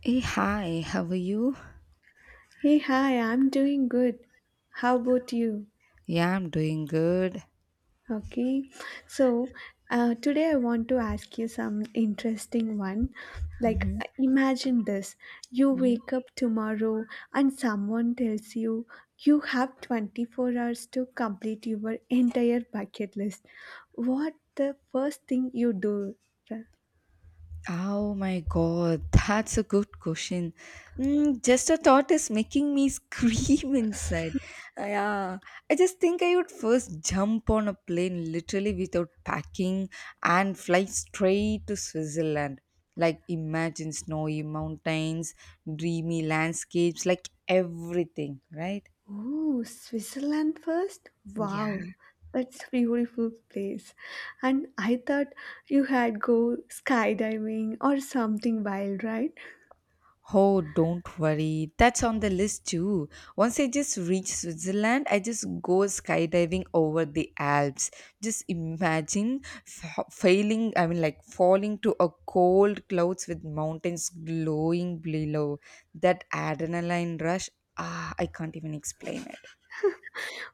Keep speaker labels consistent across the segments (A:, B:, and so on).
A: Hey, hi, how are you?
B: Hey, hi, I'm doing good. How about you?
A: Yeah, I'm doing good.
B: Okay, so today I want to ask you some interesting one. Like, imagine this you wake up tomorrow and someone tells you you have 24 hours to complete your entire bucket list. What the first thing you do?
A: Oh my god, that's a good question. Mm, just a thought is making me scream inside. Yeah, I just think I would first jump on a plane literally without packing and fly straight to Switzerland. Like, imagine snowy mountains, dreamy landscapes, like everything, right?
B: Oh, Switzerland first?
A: Yeah.
B: Wow, that's a beautiful place. And I thought you had go skydiving or something wild, right?
A: Oh, don't worry. That's on the list too. Once I just reach Switzerland, I just go skydiving over the Alps. Just imagine failing, I mean, like falling to a cold clouds with mountains glowing below. That adrenaline rush, ah, I can't even explain it.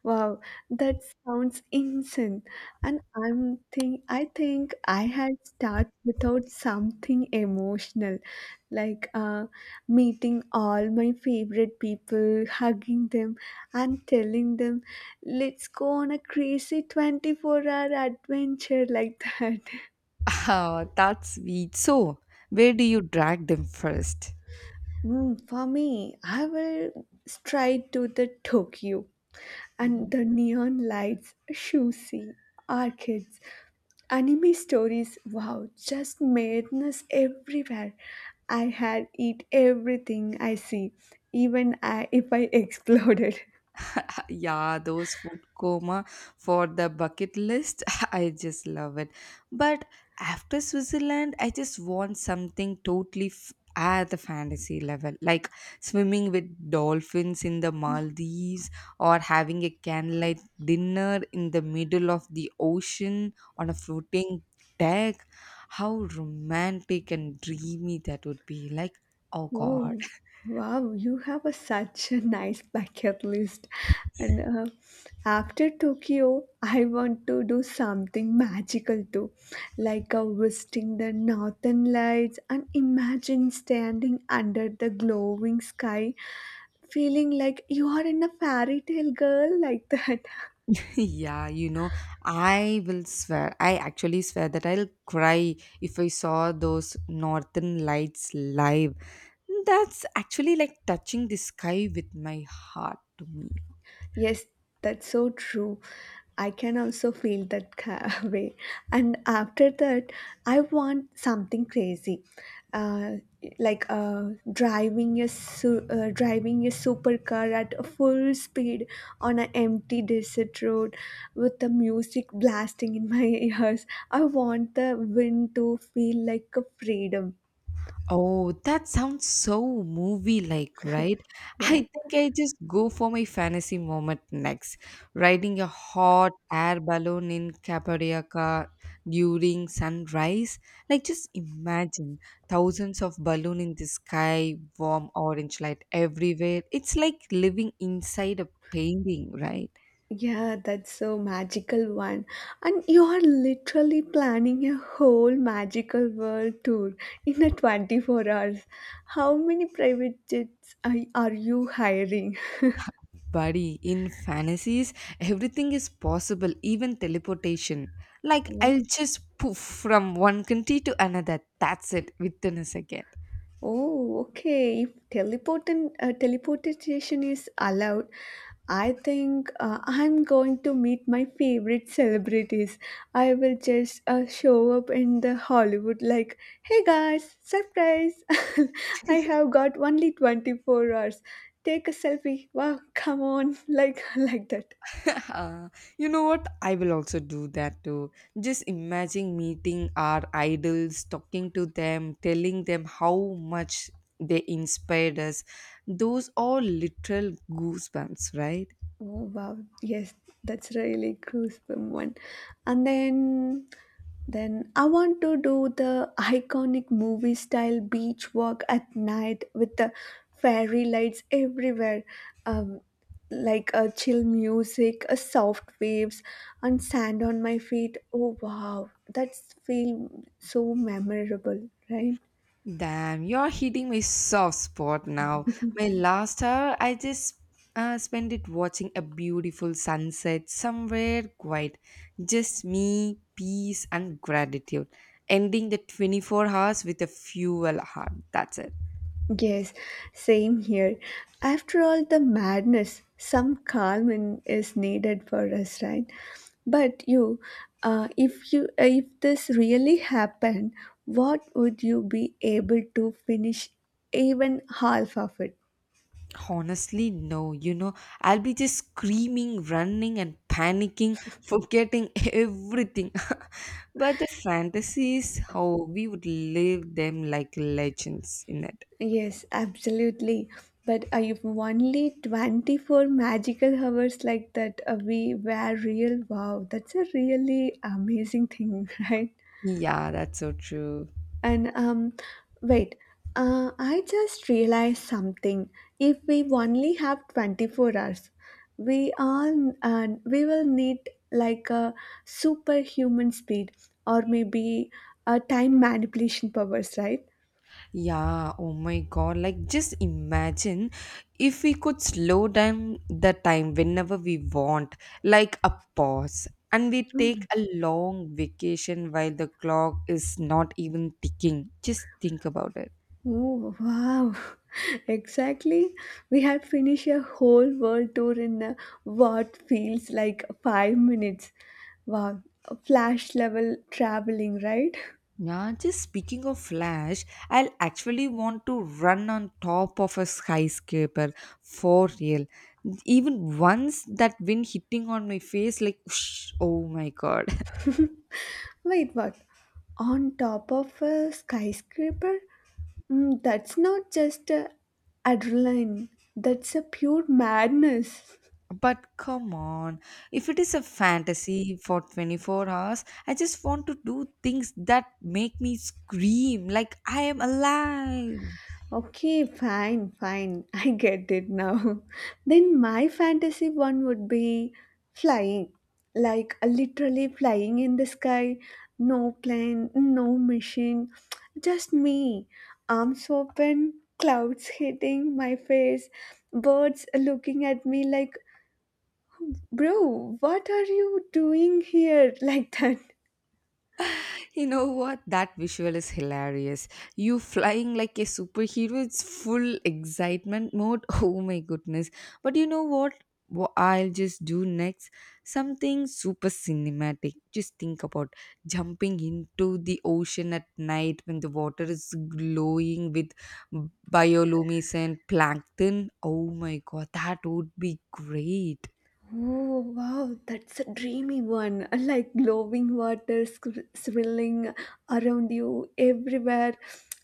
B: Wow, that sounds insane. And I think I had start without something emotional, like meeting all my favorite people, hugging them, and telling them, "Let's go on a crazy 24-hour adventure like that."
A: Ah, that's sweet. So, where do you drag them 1st?
B: For me, I will straight to the Tokyo and the neon lights, sushi, arcades, anime stories wow just madness everywhere I had eat everything I see if I exploded.
A: Yeah, those food coma for the bucket list, I just love it. But after Switzerland, I just want something totally at the fantasy level, like swimming with dolphins in the Maldives or having a candlelight dinner in the middle of the ocean on a floating deck. How romantic and dreamy that would be. Like, oh god.
B: Oh, wow, you have such a nice bucket list. And after Tokyo, I want to do something magical too, like visiting the northern lights and imagine standing under the glowing sky, feeling like you are in a fairy tale girl like that.
A: Yeah, you know, I will swear, I actually swear that I'll cry if I saw those northern lights live. That's actually like touching the sky with my heart to me.
B: Yes, that's so true. I can also feel that way. And after that, I want something crazy, uh, like driving a supercar at a full speed on an empty desert road with the music blasting in my ears. I want the wind to feel like a freedom.
A: Oh, that sounds so movie-like, right?
B: Yeah.
A: I think I just go for my fantasy moment next, riding a hot air balloon in Cappadocia during sunrise. Like, just imagine thousands of balloons in the sky, warm orange light everywhere. It's like living inside a painting, right?
B: Yeah, that's so magical one. And you are literally planning a whole magical world tour in a 24 hours. How many private jets are you hiring?
A: Buddy, in fantasies, everything is possible, even teleportation. Like, I'll just poof from one country to another. That's it, within a second.
B: Oh, okay. If teleportin teleportation is allowed, I think I'm going to meet my favorite celebrities. I will just show up in the Hollywood like, "Hey guys, surprise! I have got only 24 hours. Take a selfie. Wow, come on!" Like like that.
A: Uh, you know what? I will also do that too. Just imagine meeting our idols, talking to them, telling them how much they inspired us. Those are literal goosebumps, right?
B: Oh wow, yes, that's really gruesome one. And then I want to do the iconic movie style beach walk at night with the fairy lights everywhere. Um like a chill music, a soft waves and sand on my feet. Oh wow, that's feel so memorable, right?
A: Damn, you're hitting my soft spot now. My last hour, I just spent it watching a beautiful sunset somewhere quiet. Just me, peace, and gratitude. Ending the 24 hours with a fuel heart. That's it.
B: Yes, same here. After all the madness, some calm is needed for us, right? But you, if you, if this really happened, what would you be able to finish even half of it?
A: Honestly, no. You know, I'll be just screaming, running, and panicking, forgetting everything. But the fantasies, how we would live them like legends in it.
B: Yes, absolutely. But if only 24 magical hours like that, we were real. Wow, that's a really amazing thing, right?
A: Yeah, that's so true.
B: And wait, I just realized something. If we only have 24 hours, we will need like a superhuman speed or maybe a time manipulation powers, right?
A: Yeah, oh my God. Like, just imagine if we could slow down the time whenever we want, like a pause, and we
B: Mm.
A: take a long vacation while the clock is not even ticking. Just think about it.
B: Oh wow! Exactly. We had finished a whole world tour in what feels like 5 minutes. Wow, flash level traveling, right?
A: Yeah, just speaking of Flash, I'll actually want to run on top of a skyscraper for real. Even once that wind hitting on my face, like, whoosh, oh my God.
B: Wait, what? On top of a skyscraper? That's not just adrenaline. That's a pure madness.
A: But come on, if it is a fantasy for 24 hours, I just want to do things that make me scream like I am alive.
B: Okay, fine, fine. I get it now. Then my fantasy one would be flying. Like literally flying in the sky. No plane, no machine. Just me. Arms open, clouds hitting my face, birds looking at me like, bro, what are you doing here like that?
A: You know what? That visual is hilarious. You flying like a superhero, it's full excitement mode. Oh my goodness. But you know what? What I'll just do next? Something super cinematic. Just think about jumping into the ocean at night when the water is glowing with bioluminescent plankton. Oh my god, that would be great.
B: Oh, wow, that's a dreamy one. Like glowing water swirling around you everywhere,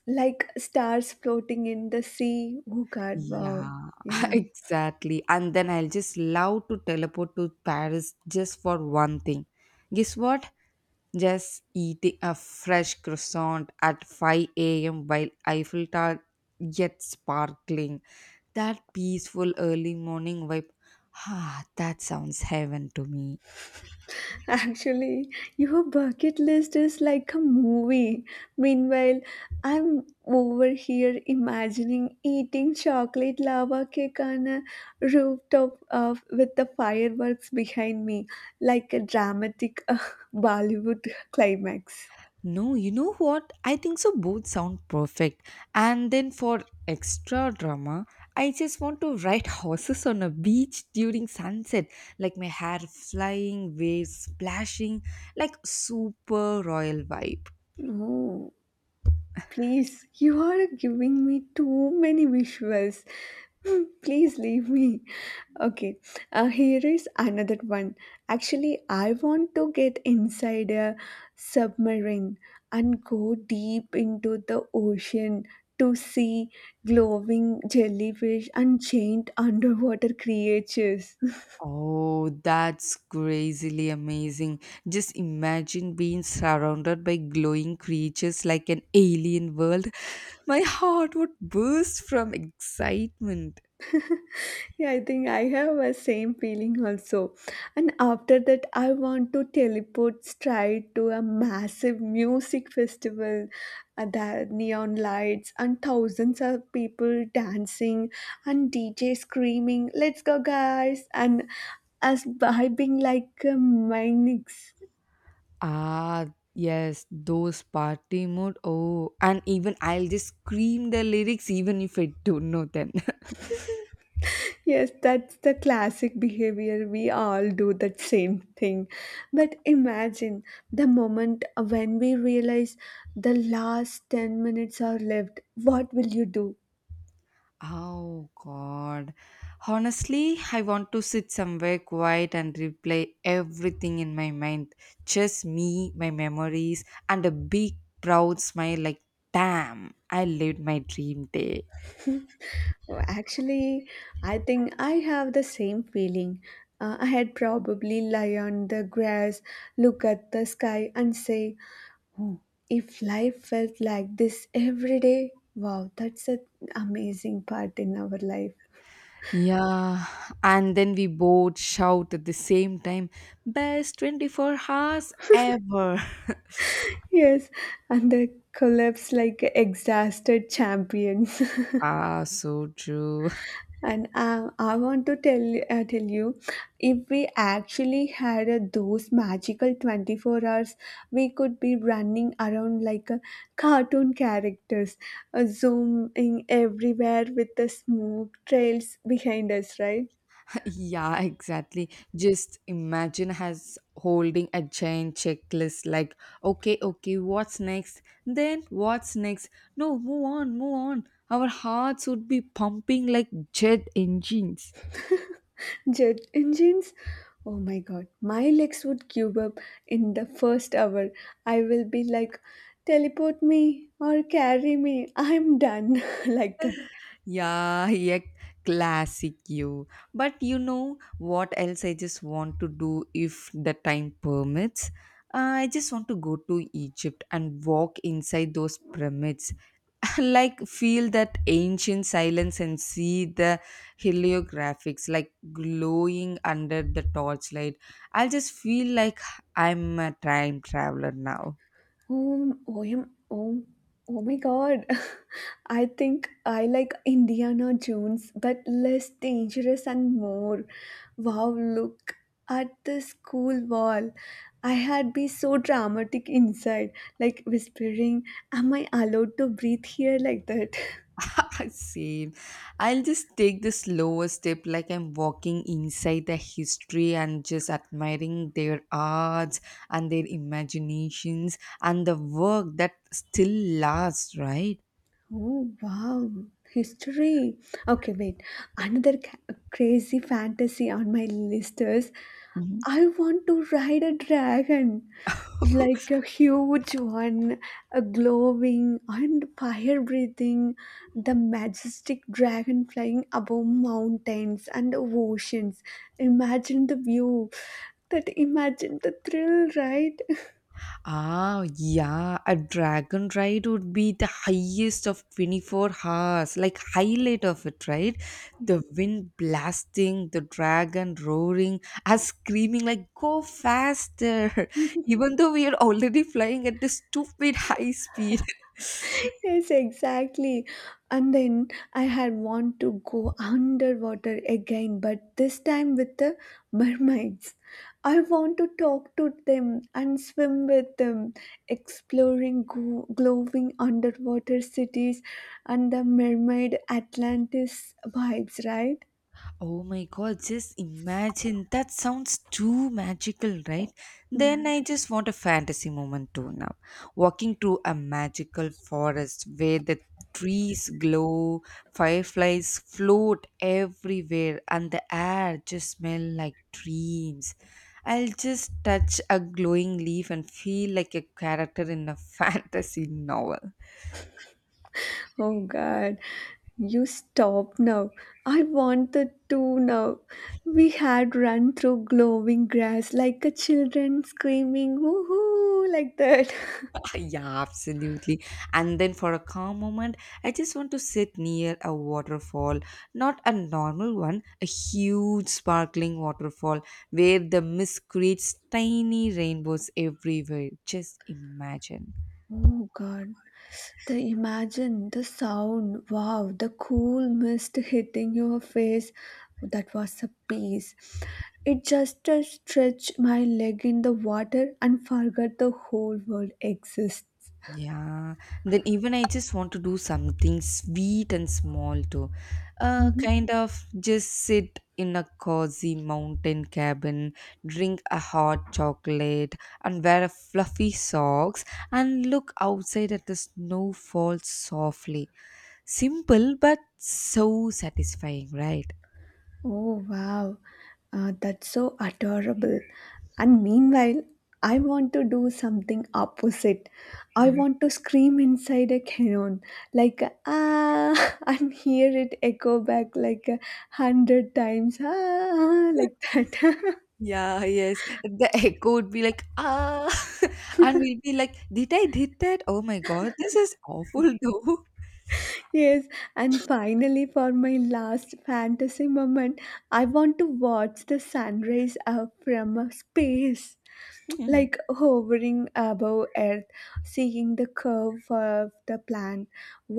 B: like stars floating in the sea. Oh, God, wow.
A: Yeah,
B: Yeah.
A: exactly. And then I'll just love to teleport to Paris just for one thing. Guess what? Just eating a fresh croissant at 5 a.m. while Eiffel Tower yet sparkling. That peaceful early morning vibe. Ah, that sounds heaven to me.
B: Actually, your bucket list is like a movie. Meanwhile, I'm over here imagining eating chocolate lava cake on a rooftop with the fireworks behind me, like a dramatic Bollywood climax.
A: No, you know what? I think so both sound perfect. And then for extra drama, I just want to ride horses on a beach during sunset, like my hair flying, waves splashing, like super royal vibe.
B: Oh, please, you are giving me too many visuals. Please leave me. Okay, here is another one. Actually, I want to get inside a submarine and go deep into the ocean to see glowing jellyfish and giant underwater creatures.
A: Oh, that's crazily amazing. Just imagine being surrounded by glowing creatures like an alien world. My heart would burst from excitement.
B: Yeah, I think I have a same feeling also. And after that, I want to teleport straight to a massive music festival. The neon lights and thousands of people dancing and DJ screaming, "Let's go, guys!" and us by being like a mimics.
A: Ah, yes, those party mood. Oh, and even I'll just scream the lyrics even if I don't know them.
B: Yes, that's the classic behavior. We all do that same thing. But imagine the moment when we realize the last 10 minutes are left. What will you do?
A: Oh, God. Honestly, I want to sit somewhere quiet and replay everything in my mind. Just me, my memories, and a big proud smile like, damn, I lived my dream day.
B: Oh, actually, I think I have the same feeling. I had probably lie on the grass, look at the sky, and say, "Oh, if life felt like this every day, wow, that's an amazing part in our life."
A: Yeah, and then we both shout at the same time, best 24 hours ever.
B: Yes, and they collapse like exhausted champions.
A: Ah, so true.
B: And I want to tell you, if we actually had those magical 24 hours, we could be running around like a cartoon characters, zooming everywhere with the smoke trails behind us, right?
A: Yeah, exactly. Just imagine us holding a giant checklist like, okay, okay, what's next? Then what's next? No, move on, move on. Our hearts would be pumping like jet engines.
B: Jet engines? Oh my god, my legs would give up in the first hour. I will be like, teleport me or carry me. I'm done like that.
A: Yeah, yeah, classic you. But you know what else I just want to do if the time permits? I just want to go to Egypt and walk inside those pyramids. Like feel that ancient silence and see the heliographics like glowing under the torchlight. I'll just feel like I'm a time traveler now.
B: Oh, oh, oh, oh my god. I think I like Indiana Jones, but less dangerous and more. Wow, look at the school wall. I had be so dramatic inside, like whispering, am I allowed to breathe here like that?
A: Same. I'll just take the slower step like I'm walking inside the history and just admiring their arts and their imaginations and the work that still lasts, right?
B: Oh wow, history. Okay, wait. Another crazy fantasy on my list is
A: Mhm.
B: I want to ride a dragon, like a huge one, a glowing and fire breathing, the majestic dragon flying above mountains and oceans. Imagine the view. That imagine the thrill, right?
A: Ah, yeah, a dragon ride would be the highest of 24 hours, like highlight of it, right? The wind blasting, the dragon roaring, us screaming like "Go faster!" Even though we are already flying at this stupid high speed.
B: Yes, exactly. And then I had want to go underwater again, but this time with the mermaids. I want to talk to them and swim with them, exploring glowing underwater cities and the mermaid Atlantis vibes, right?
A: Oh my god, just imagine. That sounds too magical, right?
B: Yeah.
A: Then I just want a fantasy moment too now. Walking through a magical forest where the trees glow, fireflies float everywhere, and the air just smell like dreams. I'll just touch a glowing leaf and feel like a character in a fantasy novel.
B: Oh God, you stop now. I want the two now. We had run through glowing grass like a children screaming, woohoo, like that.
A: Yeah, absolutely. And then for a calm moment, I just want to sit near a waterfall, not a normal one, a huge sparkling waterfall where the mist creates tiny rainbows everywhere. Just imagine.
B: Oh God, the imagine, the sound, wow, the cool mist hitting your face. That was a piece. It just stretched my leg in the water and forgot the whole world exists.
A: Yeah, then even I just want to do something sweet and small too.
B: Mm-hmm.
A: Kind of just sit in a cozy mountain cabin, drink a hot chocolate, and wear a fluffy socks and look outside at the snow fall softly. Simple but so satisfying, right?
B: Oh, wow. That's so adorable. And meanwhile, I want to do something opposite. I
A: Mhm.
B: want to scream inside a cannon, like ah, and hear it echo back like 100 times, ah, like that.
A: Yeah, yes. The echo would be like, ah, and we'll be like, did I did that? Oh my God, this is awful though.
B: Yes, and finally, for my last fantasy moment, I want to watch the sunrise from space.
A: Mhm.
B: Like hovering above earth, seeing the curve of the plant,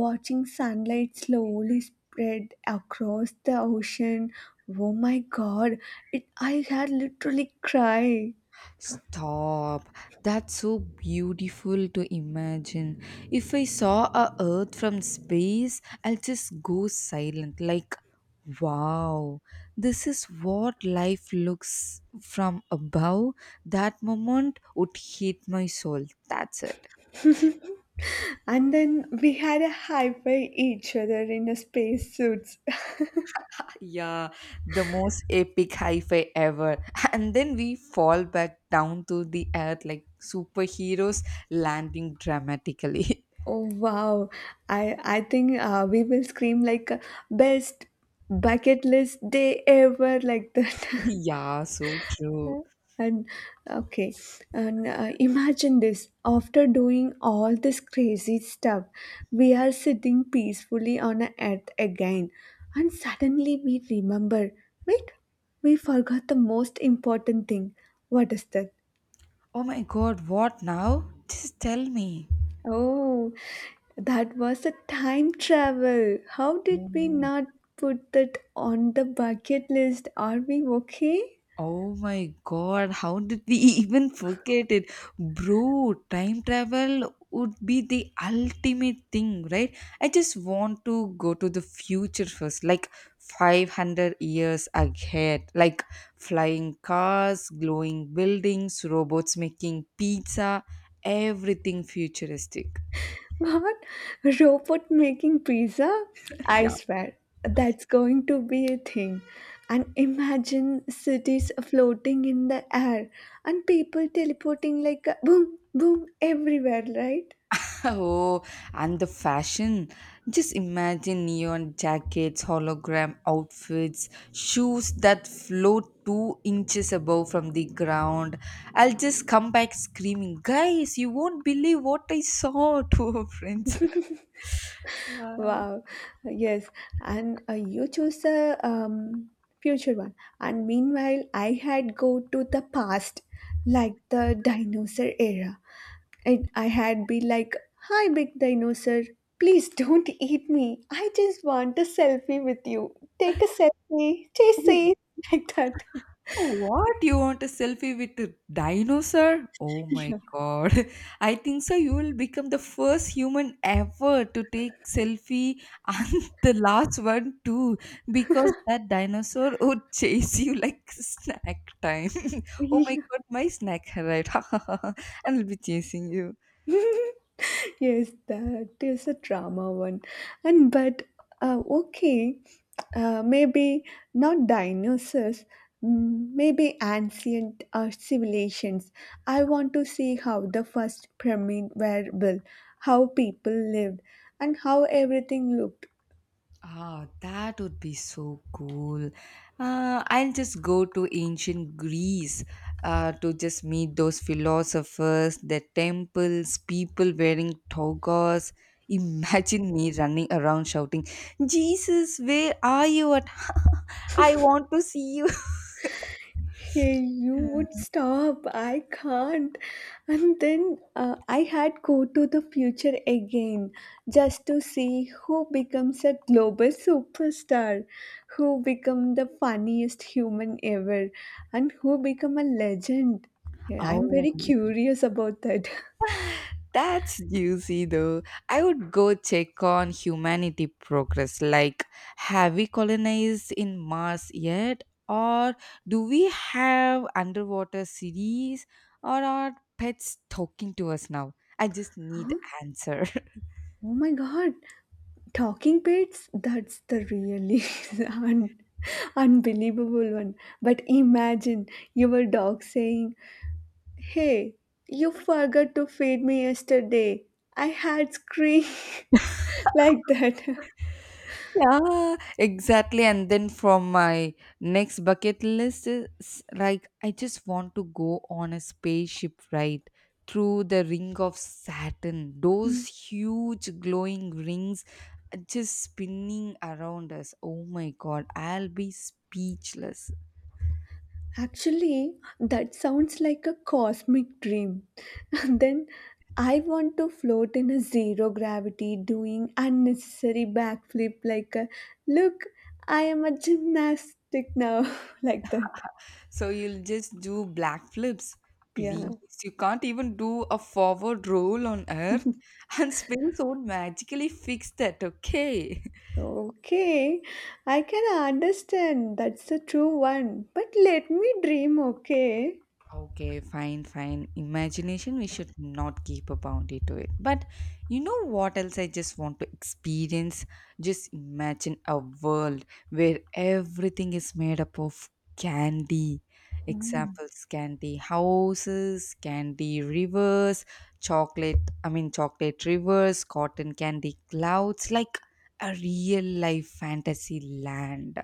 B: watching sunlight slowly spread across the ocean. Oh my god, it I had literally cried.
A: Stop. That's so beautiful to imagine. If I saw a earth from space, I'll just go silent like wow. This is what life looks from above. That moment would hit my soul. That's it.
B: And then we had a high five each other in a space suits.
A: Yeah, the most epic hi-fi ever. And then we fall back down to the earth like superheroes landing dramatically.
B: Oh wow. I think we will scream like best bucket list day ever like that.
A: Yeah, so true.
B: And okay, and imagine this after doing all this crazy stuff, we are sitting peacefully on a earth again, and suddenly we remember wait, we forgot the most important thing. What is that?
A: Oh my God, what now? Just tell me.
B: Oh, that was a time travel. How did we
A: Oh,
B: not put that on the bucket list? Are we okay?
A: oh my God, how did we even forget it? Bro, time travel would be the ultimate thing, right? I just want to go to the future first, like 500 years ahead, like flying cars, glowing buildings, robots making pizza, everything futuristic.
B: What? Robot making pizza? I
A: Yeah.
B: swear, that's going to be a thing. And imagine cities floating in the air and people teleporting like a boom, boom everywhere, right?
A: Oh, and the fashion. Just imagine neon jackets, hologram outfits, shoes that float 2 inches above from the ground. I'll just come back screaming, guys, you won't believe what I saw to our friends. Yeah.
B: Wow. Yes. And you choose a future one. And meanwhile, I had go to the past, like the dinosaur era. And I had been like, Hi, big dinosaur, please don't eat me. I just want a selfie with you. Take a selfie, chase
A: Oh,
B: it, like that.
A: oh, what? You want a selfie with a dinosaur? Oh my
B: Yeah.
A: god. I think so you will become the first human ever to take selfie and the last one too because that dinosaur would chase you like snack time. Oh my
B: Yeah.
A: god, my snack arrived. And will be chasing you.
B: Yes, that is a drama one. And but, okay, maybe not dinosaurs. Maybe ancient civilizations. I want to see how the first pyramid were built, how people lived, and how everything looked.
A: Ah, that would be so cool. I'll just go to ancient Greece to just meet those philosophers, the temples, people wearing togas. Imagine me running around shouting, Jesus, where are you? At? I want to see you.
B: Hey, you would stop. I can't. And then I had go to the future again just to see who becomes a global superstar, who become the funniest human ever, and who become a legend. Yeah, I'm very
A: Oh.
B: curious about that.
A: That's juicy though. I would go check on humanity progress. Like, have we colonized in Mars yet? Or do we have underwater cities? Or are pets talking to us now? I just need
B: Huh?
A: answers.
B: Oh my god. Talking pets? That's the really un- unbelievable one. But imagine your dog saying Hey, you forgot to feed me yesterday. I had scream like that.
A: Yeah, exactly. And then from my next bucket list is like I just want to go on a spaceship ride through the ring of Saturn.
B: Hmm.
A: Those huge glowing rings are just spinning around us. Oh my god, I'll be speechless.
B: Actually, that sounds like a cosmic dream. Then I want to float in a zero gravity doing unnecessary backflip like a look, I am a gymnastic now like that.
A: So you'll just do black flips.
B: Yeah.
A: Please, you can't even do a forward roll on Earth, and space won't magically fix that, okay?
B: Okay, I can understand that's the true one, but let me dream, okay?
A: Okay, fine, fine. Imagination, we should not keep a boundary to it. But you know what else I just want to experience? Just imagine a world where everything is made up of candy.
B: Hmm.
A: Examples candy houses, candy rivers, chocolate rivers, cotton candy clouds, like a real life fantasy land.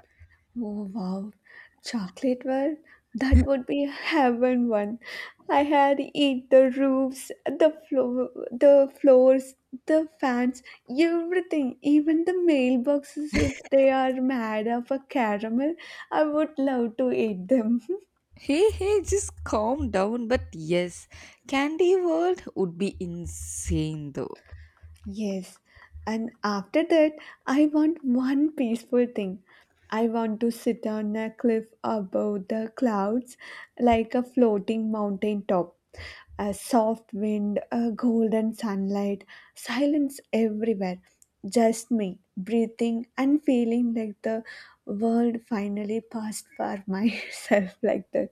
B: Oh wow, chocolate world? That would be heaven one. I had eat the roofs, the floor, the floors, the fans, everything, even the mailboxes if they are made of a caramel, I would love to eat them.
A: Hey, hey, just calm down. But yes, Candy World would be insane though.
B: Yes, and after that, I want one peaceful thing. I want to sit on a cliff above the clouds like a floating mountain top. A soft wind, a golden sunlight, silence everywhere. Just me, breathing and feeling like the world finally passed for myself like that.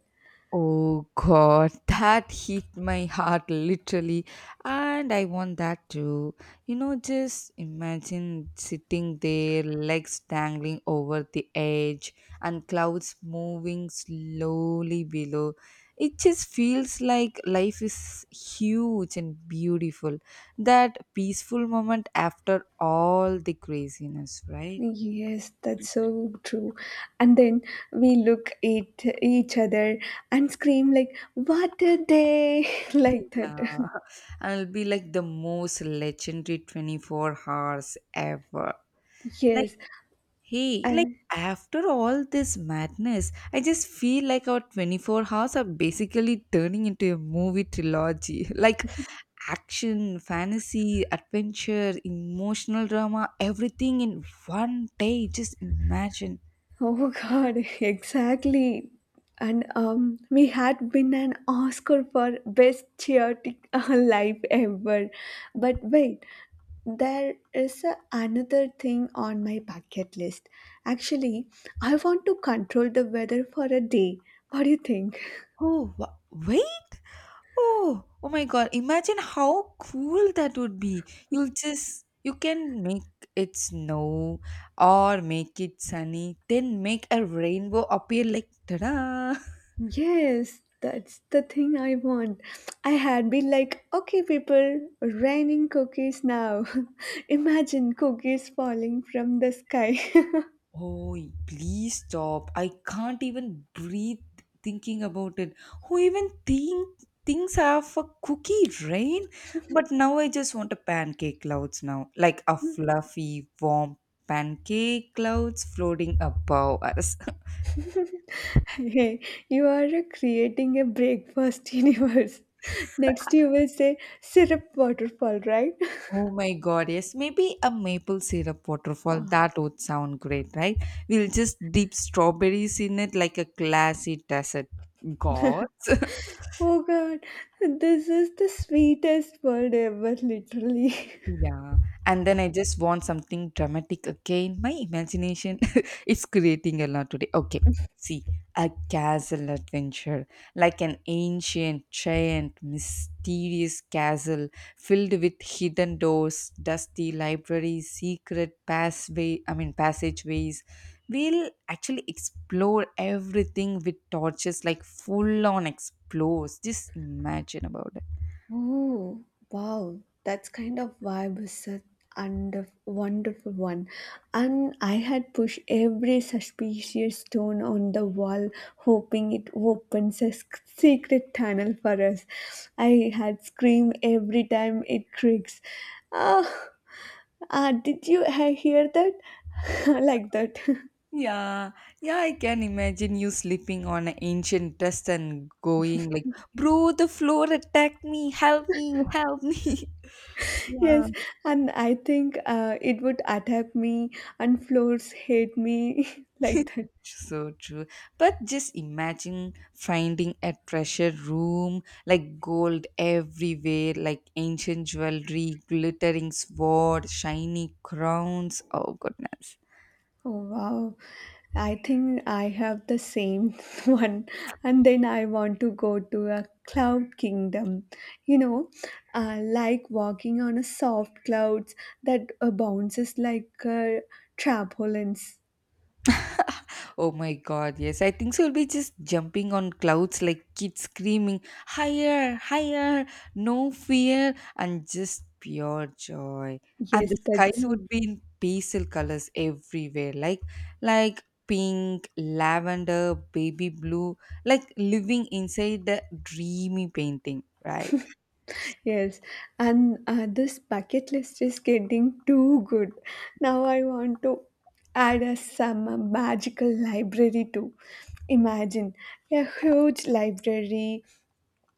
A: Oh god, that hit my heart literally, and I want that too. You know, just imagine sitting there, legs dangling over the edge, and clouds moving slowly below. It just feels like life is huge and beautiful. That peaceful moment after all the craziness, right?
B: Yes, that's so true. And then we look at each other and scream like, "What a day!" like that.
A: Yeah, I will be like the most legendary 24 hours ever. Like,
B: Yes,
A: hey, like
B: and
A: after all this madness, I just feel like our 24 hours are basically turning into a movie trilogy. Like action, fantasy, adventure, emotional drama, everything in one day. Just imagine.
B: oh God, exactly. And we had been an Oscar for best chaotic life ever. But wait, there is another thing on my bucket list. Actually, I want to control the weather for a day. What do you think?
A: Oh, wait. Oh, oh my God. Imagine how cool that would be. You'll just, you can make it snow or make it sunny, then make a rainbow appear like ta-da.
B: Yes, that's the thing I want. I had been like, okay, people, raining cookies now. Imagine cookies falling from the sky.
A: Oh, please stop. I can't even breathe thinking about it. Who even think things have a cookie rain? But now I just want a pancake clouds now, like a fluffy, warm pancake clouds floating above us.
B: Hey, you are creating a breakfast universe. Next, you will say syrup waterfall, right?
A: Oh my god, yes. Maybe a maple syrup waterfall.
B: Ah,
A: That would sound great, right? We'll just dip strawberries in it like a classy dessert. God,
B: oh God, this is the sweetest world ever, literally.
A: yeah, and then I just want something dramatic again. My imagination is creating a lot today. Okay, see, a castle adventure, like an ancient, giant, mysterious castle filled with hidden doors, dusty libraries, secret passway, I mean passageways. We'll actually explore everything with torches, like full on explores. Just imagine about it.
B: Oh, wow. That's kind of vibe is such a wonderful one. And I had pushed every suspicious stone on the wall, hoping it opens a secret tunnel for us. I had screamed every time it creaks. Ah, ah, did you hear that? like that.
A: Yeah, yeah, I can imagine you sleeping on an ancient dust and going like, bro, the floor attacked me, help me, help me. Yeah.
B: Yes, and I think it would attack me and floors hate me like that.
A: So true. But just imagine finding a treasure room, like gold everywhere, like ancient jewelry, glittering sword, shiny crowns. Oh goodness.
B: Oh, wow. I think I have the same one. And then I want to go to a cloud kingdom. You know, like walking on a soft clouds that bounces like trampolines.
A: Oh my god, yes. I think so. We'll be just jumping on clouds like kids screaming, higher, higher, no fear, and just pure joy. And
B: Yes,
A: the
B: that's
A: sky
B: so.
A: would be in pastel colors everywhere, like pink, lavender, baby blue, like living inside the dreamy painting, right?
B: Yes. And this bucket list is getting too good. Now I want to add a some magical library too. Imagine a huge library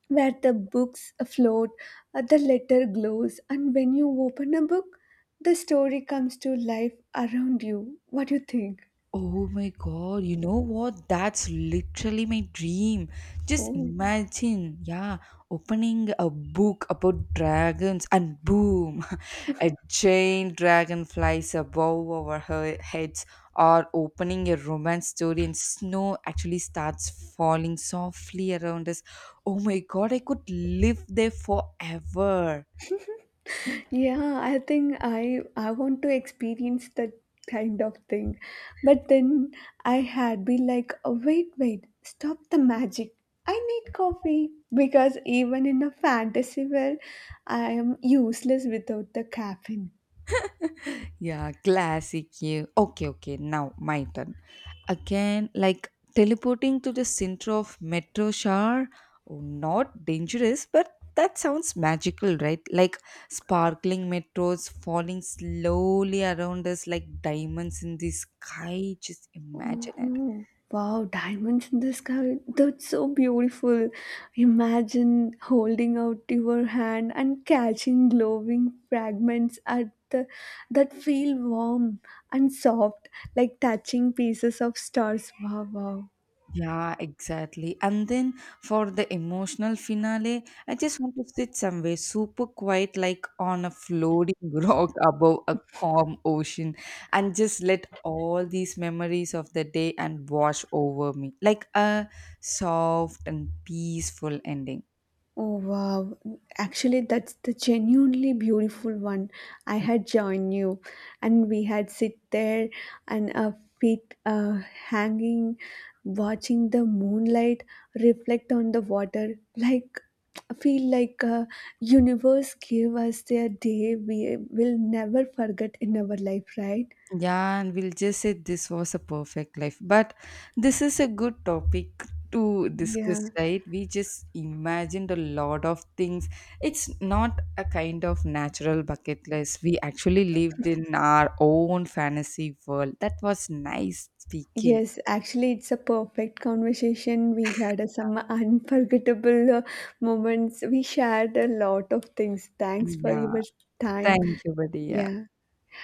B: where the books float, the letter glows, and when you open a book, the story comes to life around you. What do you think?
A: Oh my god, you know what? That's literally my dream. Just
B: Oh,
A: imagine, yeah, opening a book about dragons and boom, a giant dragon flies above our heads, or opening a romance story and snow actually starts falling softly around us. Oh my god, I could live there forever.
B: yeah, I think I want to experience that kind of thing. But then I had be like, oh, wait, wait, stop the magic. I need coffee because even in a fantasy world, I am useless without the caffeine.
A: Yeah, classic you. Okay, okay, now my turn. Again, like teleporting to the center of Metro Shar, oh, not dangerous, but that sounds magical, right? Like sparkling metros falling slowly around us like diamonds in the sky. Just imagine it.
B: Oh, wow, diamonds in the sky. That's so beautiful. Imagine holding out your hand and catching glowing fragments that feel warm and soft, like touching pieces of stars. Wow, wow.
A: Yeah, exactly. And then for the emotional finale, I just want to sit somewhere super quiet, like on a floating rock above a calm ocean, and just let all these memories of the day and wash over me, like a soft and peaceful ending.
B: Oh wow, actually, that's the genuinely beautiful one. I had joined you, and we had sit there and our feet hanging, watching the moonlight reflect on the water. Like, I feel like universe gave us a day we will never forget in our life, right?
A: Yeah, and we'll just say this was a perfect life. But this is a good topic to discuss,
B: Yeah.
A: right? We just imagined a lot of things. It's not a kind of natural bucket list. We actually lived in our own fantasy world. That was nice speaking.
B: Yes, actually, it's a perfect conversation. We had some unforgettable moments. We shared a lot of things. Thanks for
A: Yeah.
B: your time.
A: Thank you, buddy. Yeah.
B: Yeah.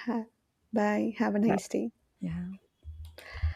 B: Ha- Bye. Have a
A: Bye.
B: nice day.
A: Yeah.